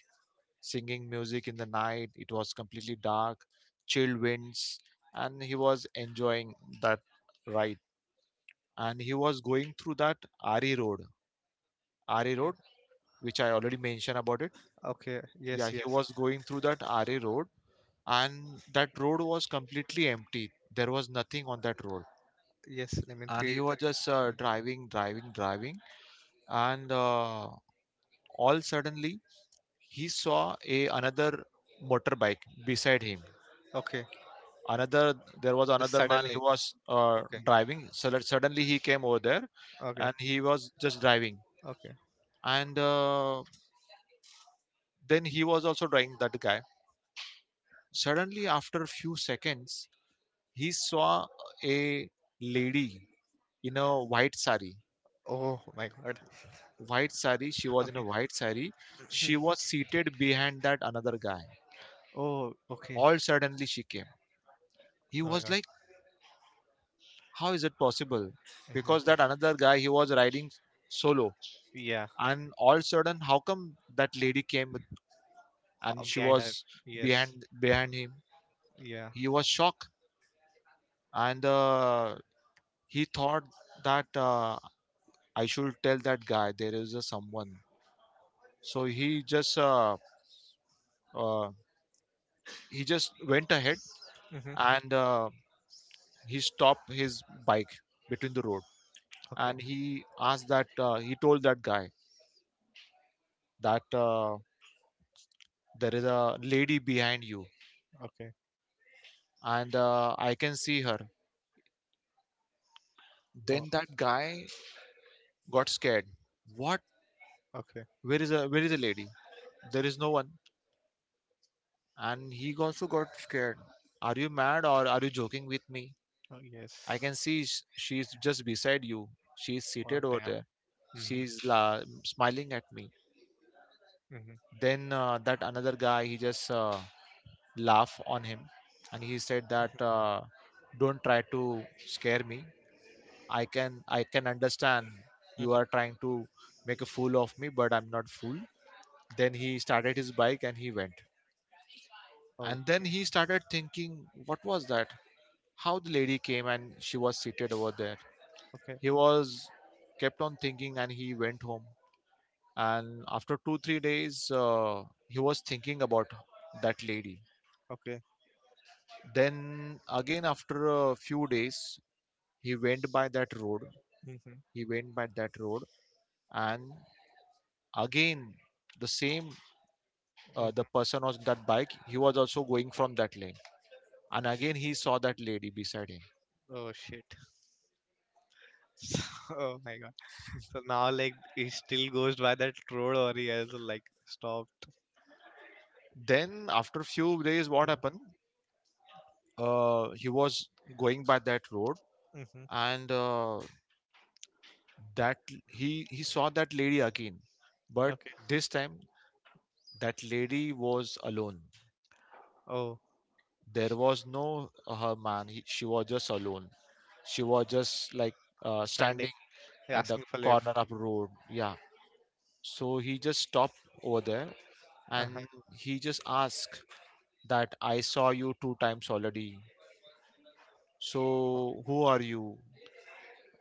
singing music in the night. It was completely dark, chill winds, and he was enjoying that ride. And he was going through that R E road. R E road,
Okay.
which I already mentioned about it.
Okay.
Yeah,
Yes.
he
Yes.
was going through that R E road, and that road was completely empty, there was nothing on that road.
Yes, lemon
And
three
he was
eateries.
just uh,
Mhm.
driving driving driving, and uh, all suddenly he saw a another motorbike beside him.
Okay,
Another, there was
just
another man. He
suddenly.
was uh,
Okay,
driving, so that suddenly he came over there,
okay,
and he was just driving,
okay.
and uh, then he was also driving that guy. Suddenly after a few seconds, he saw a lady in a white sari.
Oh my god.
White sari, she was in a
Okay.
white sari. She was seated behind that another guy.
Oh, okay.
All suddenly she came. He
Oh my
was
god.
like, how is it possible? Because
Exactly.
that another guy, he was riding solo,
Yeah.
and all sudden how come that lady came,
Uh,
and she
behind her.
was
Yes.
behind behind him.
Yeah.
He was shocked, and uh, he thought that uh, I should tell that guy there is a someone. So he just uh, uh, he just went ahead,
Mm-hmm.
and uh, he stopped his bike between the road.
Okay.
And he asked that uh, he told that guy that uh, there is a lady behind you,
Okay.
and uh, I can see her.
Oh,
Then that guy got scared. What?
okay.
Where is a where is the lady? There is no one. And he also got scared. Are you mad, or are you joking with me?
Oh,
I can
yes.
see sh- She's just beside you, she's
Oh,
seated over
damn.
there,
Mm-hmm.
she's la- smiling at me.
Mm-hmm.
Then uh, that another guy, he just uh, laugh on him, and he said that uh, don't try to scare me. i can I can understand you
Mm-hmm.
are trying to make a fool of me, but I'm not fool. Then he started his bike and he went. And then
Okay.
he started thinking, what was that? How the lady came and she was seated over there?
Okay.
He was kept on thinking, and he went home. And after two three days uh, he was thinking about that lady.
Okay.
Then again after a few days, he went by that road.
Mm-hmm.
He went by that road, and again the same uh,
Mm-hmm.
the person on that bike, he was also going from that lane. And again he saw that lady beside him.
Oh, shit. So, oh my god. So now, like, he still goes by that road or he has, like, stopped.
Then after few days what happened? uh, he was going by that road,
Mm-hmm.
and uh, that he he saw that lady again. But
Okay.
this time, that lady was alone.
Oh,
There
sh-
was no uh, her man. He, she was just alone. She was just like uh,
standing,
standing at the
asking for
corner
lift.
of road. Yeah. So he just stopped over there
Uh-huh.
and he just asked that, I saw you two times already,
Oh,
so who are you?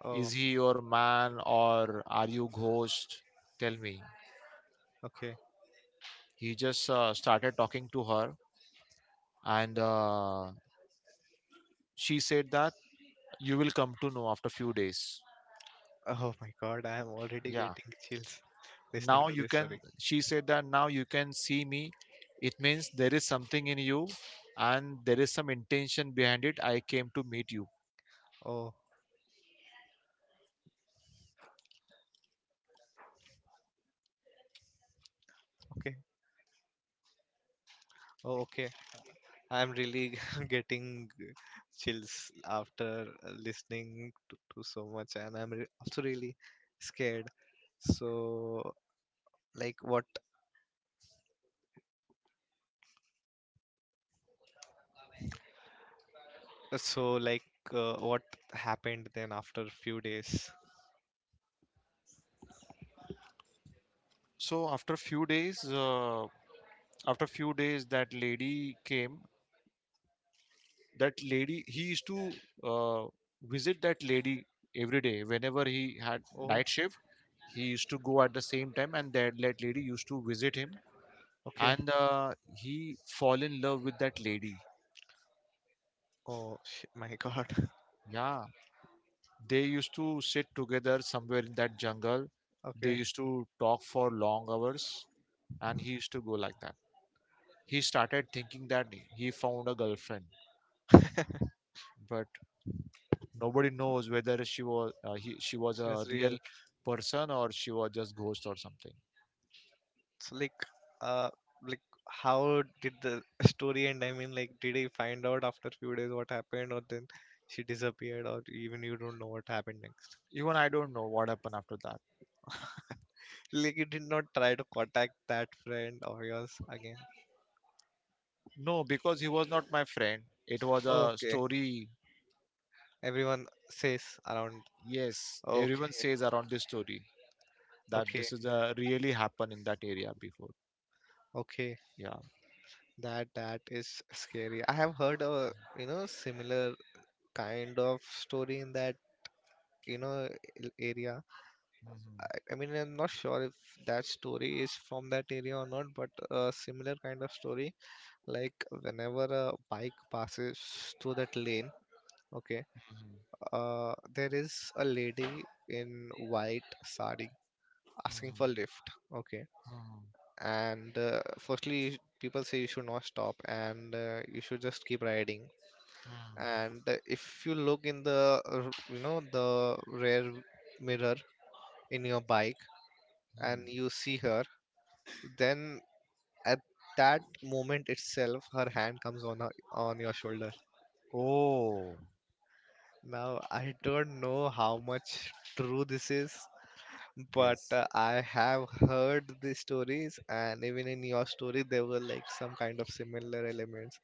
oh,
Is he your man, or are you ghost? Tell me.
okay.
He just uh, started talking to her, and uh, she said that you will come to know after few days.
Oh my God, I am already
Yeah.
getting chills listening
now
to
you
this
can
story.
She said that now you can see me, it means there is something in you, and there is some intention behind it, I came to meet you.
Oh, okay. Oh, okay. I am really getting chills after uh, listening to, to so much, and I'm re also really scared. So, like, what? So, like, uh, what happened then after a few days?
So after few days uh, after few days that lady came. That lady, he used to uh, visit that lady every day whenever he had
Oh,
night shift. He used to go at the same time, and that that lady used to visit him,
okay.
and uh, he fall in love with that lady.
Oh, sh my God.
Yeah. They used to sit together somewhere in that jungle. They
Okay,
used to talk for long hours, and he used to go like that. He started thinking that he found a girlfriend, but nobody knows whether she was uh, he, she was
she was
a real
real.
person or she was just ghost or something.
So, like, uh like, how did the story end? I mean, like, did he find out after few days what happened or then she disappeared, or even you don't know what happened next?
Even I don't know what happened after that.
Like, you did not try to contact that friend of yours again?
No, because he was not my friend. It was a
Okay.
story.
Everyone says around.
Yes,
Okay.
everyone says around this story that
Okay.
this is a really happened in that area before.
Okay.
Yeah.
That that is scary. I have heard a, you know, similar kind of story in that, you know, l- area.
Mhm.
I I mean, I'm not sure if that story is from that area or not, but a similar kind of story. Like whenever a bike passes through that lane, okay, uh, there is a lady in white sari asking for
Mhm.
lift, okay,
Mhm.
and uh, firstly, people say you should not stop and uh, you should just keep riding.
Mm,
And uh, if you look in the, uh, you know, the rear mirror in your bike and you
mm.
see her, then at that moment itself her hand comes on her, on your shoulder.
Oh,
Now I don't know how much true this is, but
yes,
uh, I have heard the stories and even in your story there were like some kind of similar elements.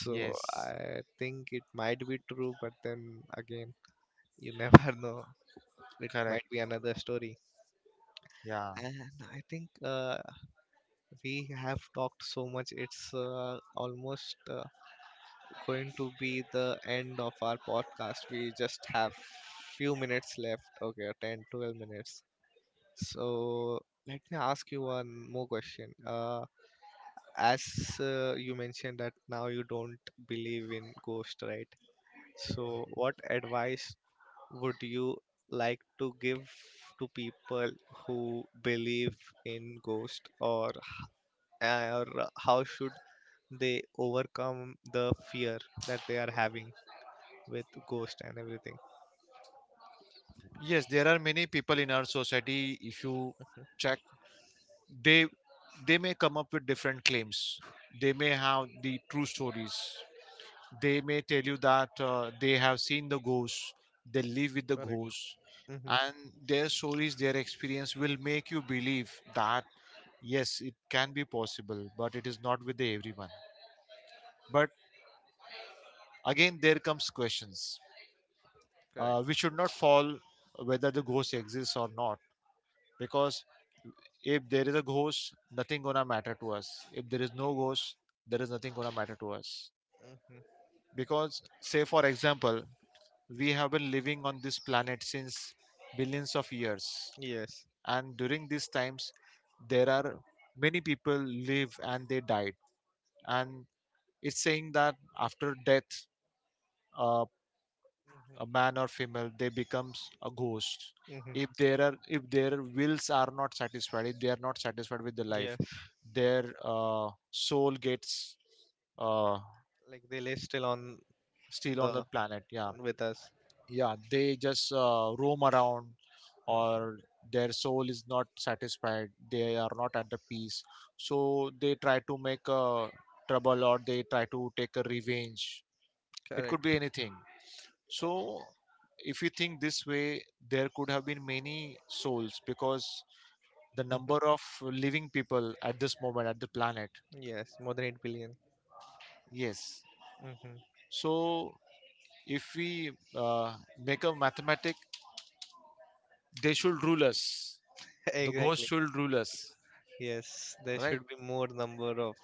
So
yes,
I think it might be true, but then again, you never know, it
correct.
might be another story.
Yeah,
And I think uh, we have talked so much. It's uh, almost uh, going to be the end of our podcast. We just have few minutes left. Okay, ten twelve minutes. So let me ask you one more question. Uh, as uh, you mentioned that now you don't believe in ghost, right? So what advice would you like to give to people who believe in ghost or or how should they overcome the fear that they are having with ghost and everything.
yes, there are many people in our society. If you check, they they may come up with different claims. They may have the true stories. They may tell you that uh, they have seen the ghosts. They live with the
Correct.
ghosts,
Hmm.
and their stories, their experience will make you believe that yes, it can be possible, but it is not with everyone. But again, there comes questions. uh, we
Correct.
should not fall whether the ghost exists or not, because if there is a ghost, nothing gonna matter to us. If there is no ghost, there is nothing gonna matter to us,
Hmm.
because say for example, we have been living on this planet since billions of years,
Yes.
and during these times there are many people live and they died. And it's saying that after death, uh,
Mhm.
a man or female they becomes a ghost
Hmm.
if there are, if their wills are not satisfied, if they are not satisfied with the life,
Yes.
their uh, soul gets uh,
Like they live still on
still on the
the
planet. Yeah,
with us.
yeah, they just uh, roam around,
Mm.
or their soul is not satisfied, they are not at the peace, so they try to make a trouble or they try to take a revenge. It could
Correct.
be anything. So, if you think this way, there could have been many souls because the number
Mm-hmm.
of living people at this moment at the planet.
Yes, more than eight billion.
Yes.
Mm-hmm.
So, if we uh, make a mathematic, they should rule us. The ghost
Exactly.
should rule us,
Yes, there
right?
should be more number of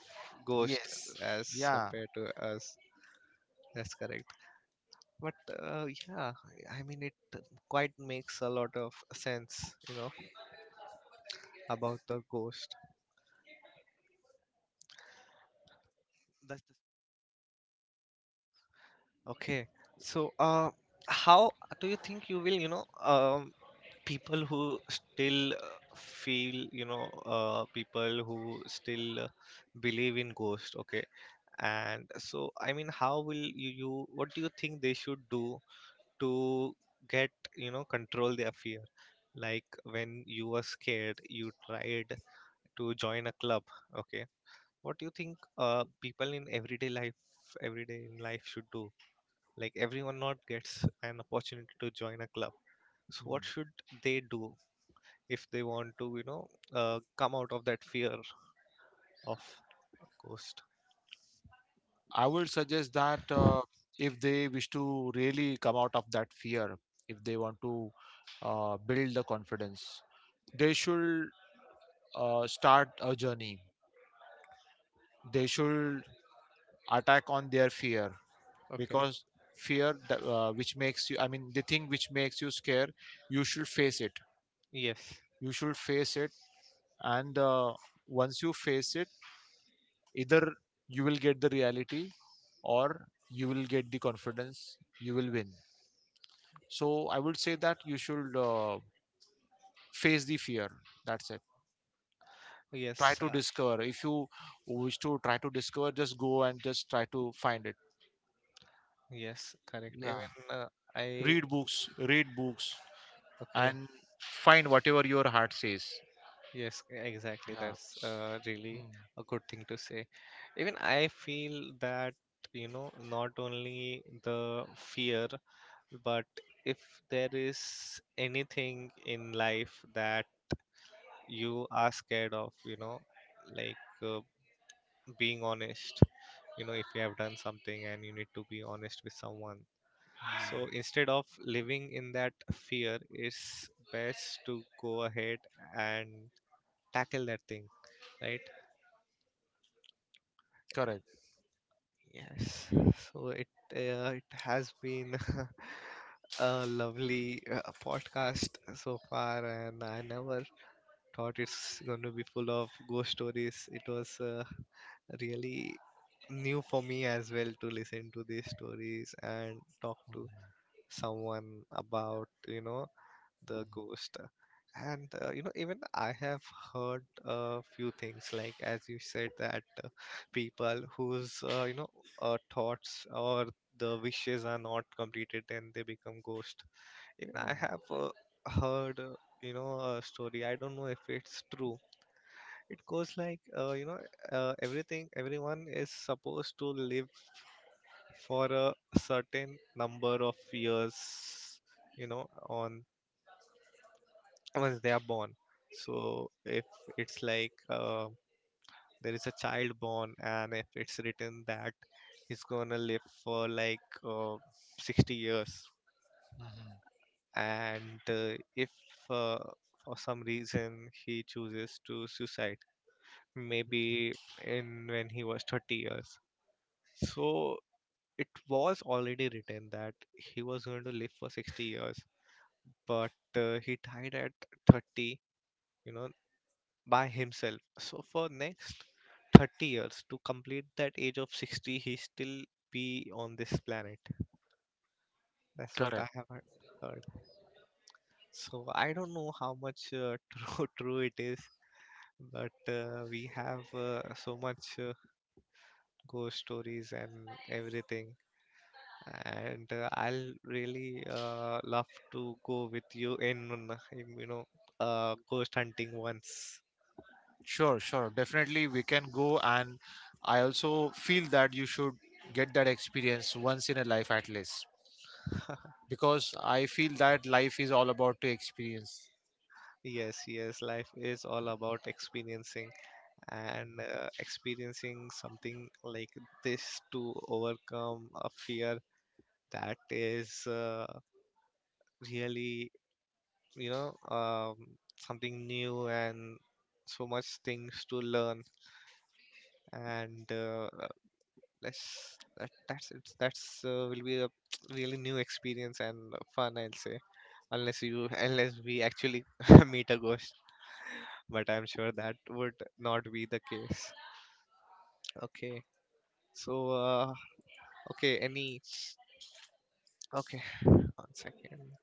ghosts
Yes.
as
Yeah.
compared to us. That's correct. But uh, yeah, I mean, it quite makes a lot of sense, you know, about the ghost. That's okay. So, uh, how do you think you will, you know, um, people who still uh, feel, you know, uh, people who still uh, believe in ghost, okay? And so, I mean, how will you, you, what do you think they should do to get, you know, control their fear? Like when you were scared, you tried to join a club, okay? What do you think uh, people in everyday life, everyday in life should do? Like, everyone not gets an opportunity to join a club. So what
Hmm.
should they do if they want to, you know, uh, come out of that fear of a ghost?
I would suggest that uh, if they wish to really come out of that fear, if they want to uh, build the confidence, they should uh, start a journey. They should attack on their fear,
Okay.
because fear th- uh, which makes you, I mean the thing which makes you scared, you should face it,
Yes.
you should face it. And uh, once you face it, either you will get the reality, or you will get the confidence, you will win. So I would say that you should uh, face the fear, that's it. Try
yes
to
uh,
discover, if you wish to try to discover, just go and just try to find it.
yes, correct.
Yeah,
Even uh, I
read books, read books,
Okay.
and find whatever your heart says.
Yes, exactly.
Yeah.
That's uh, really
Hmm.
a good thing to say. Even I feel that, you know, not only the fear, but if there is anything in life that you are scared of, you know, like, uh, being honest, you know, if you have done something and you need to be honest with someone, so instead of living in that fear, it's best to go ahead and tackle that thing, right?
Correct,
Yes. So it uh, it has been a lovely uh, podcast so far, and I never thought it's going to be full of ghost stories. It was uh, really new for me as well to listen to these stories and talk to someone about, you know, the ghost. And uh, you know, even I have heard a few things, like, as you said, that uh, people whose uh, you know, uh, thoughts or the wishes are not completed, and they become ghost. Even I have uh, heard, uh, you know, a story. I don't know if it's true, it goes like uh, you know, uh, everything, everyone is supposed to live for a certain number of years, you know, on, once they are born. So if it's like, uh, there is a child born and if it's written that he's gonna live for like uh, sixty years, and uh, if uh, for some reason he chooses to suicide, maybe in when he was thirty years, so it was already written that he was going to live for sixty years, but uh, he died at thirty, you know, by himself. So for next thirty years to complete that age of sixty, he still be on this planet. That's what I
correct.
have heard heard. So I don't know how much uh, true true it is, but uh, we have uh, so much uh, ghost stories and everything, and uh, I'll really uh, love to go with you in, uh, in, you know, uh, ghost hunting once.
Sure, sure, definitely we can go. And I also feel that you should get that experience once in a life at least, because I feel that life is all about to experience.
Yes, yes, life is all about experiencing, and uh, experiencing something like this to overcome a fear, that is uh, really, you know, um, something new, and so much things to learn, and uh, let's that, that's it's that's uh, will be a really new experience, and uh, fun, I'll say, unless you unless we actually meet a ghost, but I'm sure that would not be the case. Okay, so uh okay, any okay, one second.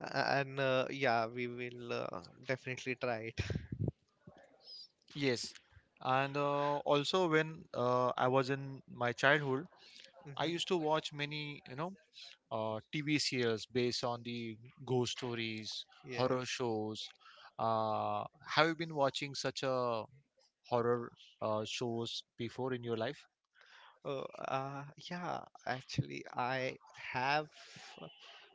A- and uh, yeah, we will uh, definitely try it.
Yes, and uh, also when uh, I was in my childhood, I
Hmm.
used to watch many, you know, uh, T V series based on the ghost stories, horror
Yes.
shows. Uh, have you been watching such a horror uh, shows before in your life?
Oh. uh yeah, actually I have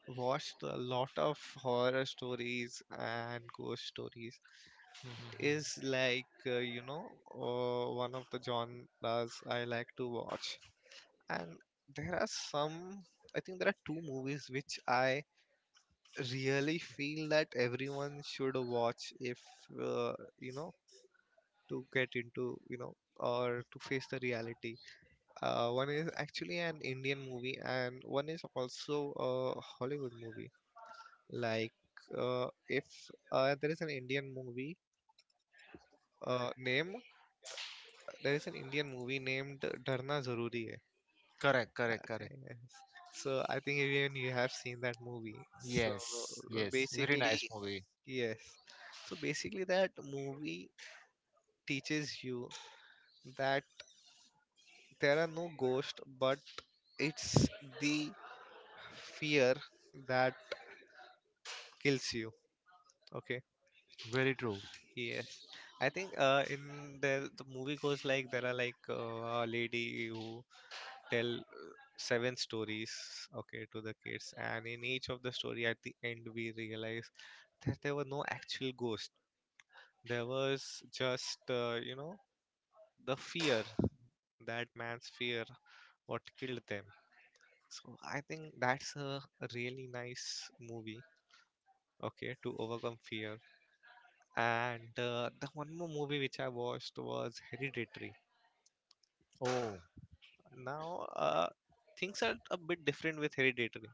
watched a lot of horror stories and ghost stories. It
Mhm.
is like, uh, you know, uh, one of the genres I like to watch. And there are some, I think there are two movies which I really feel that everyone should watch, if, uh, you know, to get into, you know, or to face the reality. Uh, one is actually an Indian movie, and one is also a Hollywood movie. Like, uh, if uh, there is an Indian movie uh, name, there is an Indian movie named Dharna Zaruri Hai.
Correct, correct, correct.
Yes. So I think even you have seen that movie. So
Yes, yes. Very
basically,
nice movie.
yes. So basically, that movie teaches you that there are no ghosts, but it's the fear that kills you. Okay.
Very true.
Yes, I think uh, in the the movie goes like there are like uh, a lady who tell uh, seven stories, okay, to the kids, and in each of the story at the end we realize that there were no actual ghosts. There was just uh, you know, the fear, that man's fear, what killed them. So I think that's a really nice movie, okay, to overcome fear. And uh, the one more movie which I watched was Hereditary.
Oh.
Now uh, things are a bit different with Hereditary.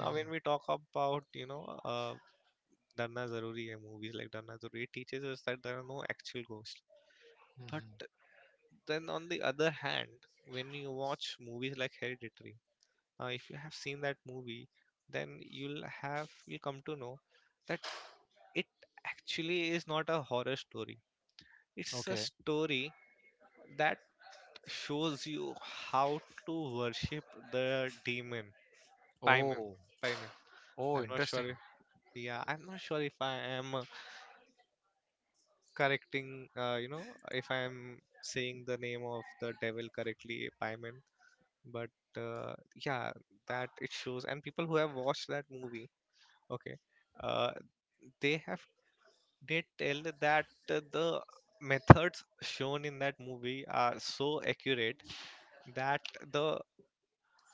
Now when we talk about, you know, uh, Darna Zaruri Hai, movies like Darna Zaruri, it teaches us that there are no actual ghosts,
mhm.
but then on the other hand, when you watch movies like Hereditary, uh, if you have seen that movie, then you'll have you come to know that it actually is not a horror story, it's a
Okay.
story that shows you how to worship the demon Paimon.
Oh,
Paimon.
oh,
I'm not
interesting.
sure if, yeah, I'm not sure if I am uh, correcting, uh, you know, if I am saying the name of the devil correctly, Paimon. But uh, yeah, that it shows, and people who have watched that movie, okay, uh, they have they tell that uh, the methods shown in that movie are so accurate that the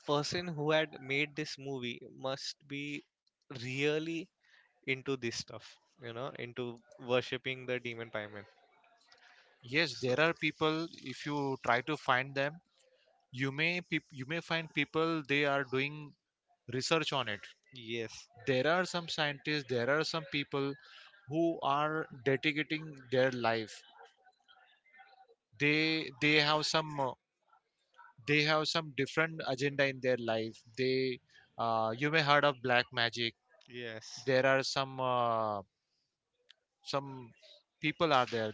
person who had made this movie must be really into this stuff, you know, into worshipping the demon pieman.
Yes,
So,
there are people. If you try to find them, you may peop you may find people. They are doing research on it.
yes.
There are some scientists, there are some people who are dedicating their life. They they have some uh, they have some different agenda in
Hmm.
their life. They uh, You may heard of black magic.
Yes.
There are some uh, some people are there,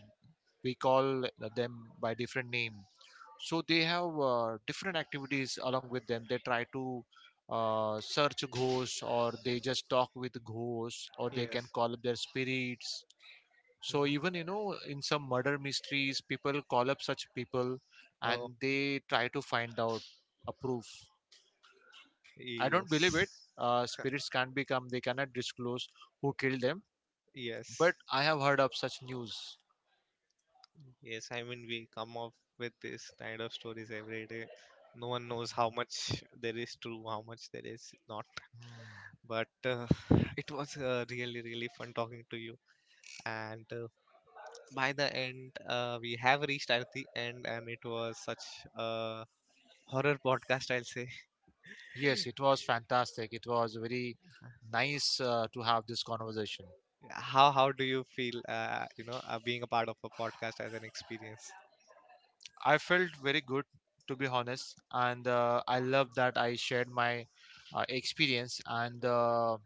we call them by different name. So they have uh, different activities along with them. They try to uh, search ghosts, or they just talk with ghosts, or they can
Yes.
call up their spirits. So
Hmm.
even you know in some murder mysteries people call up such people
Oh,
and they try to find out a proof. I don't believe it.
yes.
Uh, spirits can't become, they cannot disclose who killed them,
Yes.
but I have heard of such news.
Yes, I mean, we come up with this kind of stories every day. No one knows how much there is true, how much there is not. But uh, it was uh, really, really fun talking to you. And uh, by the end, uh, we have reached at the end, and it was such a horror podcast, I'll say.
Yes, it was fantastic, it was very nice uh, to have this conversation.
how how do you feel, uh, you know, uh, being a part of a podcast as an experience?
I felt very good, to be honest, and uh, I love that I shared my uh, experience. And uh,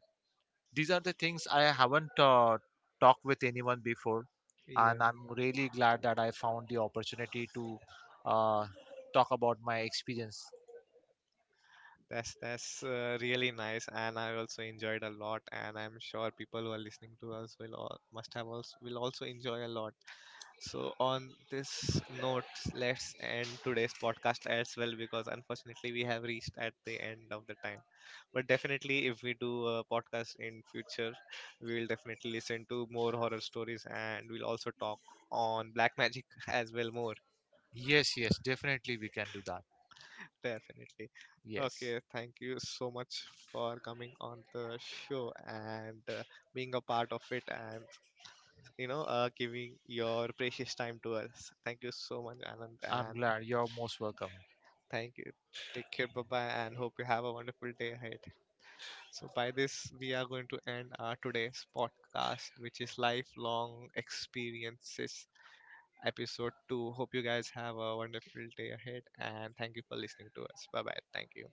these are the things I haven't uh, talked with anyone before,
Yeah,
and I'm really glad that I found the opportunity to uh, talk about my experience.
that's that's uh, really nice, and I also enjoyed a lot, and I'm sure people who are listening to us will all, must have also will also enjoy a lot. So, on this note, let's end today's podcast as well, because unfortunately we have reached at the end of the time. But definitely, if we do a podcast in future, we will definitely listen to more horror stories, and we'll also talk on black magic as well more.
Yes, yes, definitely we can do that.
Definitely.
Yes,
Okay, thank you so much for coming on the show, and uh, being a part of it, and you know, uh, giving your precious time to us. Thank you so much, Anand,
I'm
and
glad. You're most welcome.
thank you. Take care. Bye bye. And hope you have a wonderful day ahead. So, by this, we are going to end our today's podcast, which is Lifelong Experiences, episode two. Hope you guys have a wonderful day ahead. And thank you for listening to us. Bye bye. Thank you.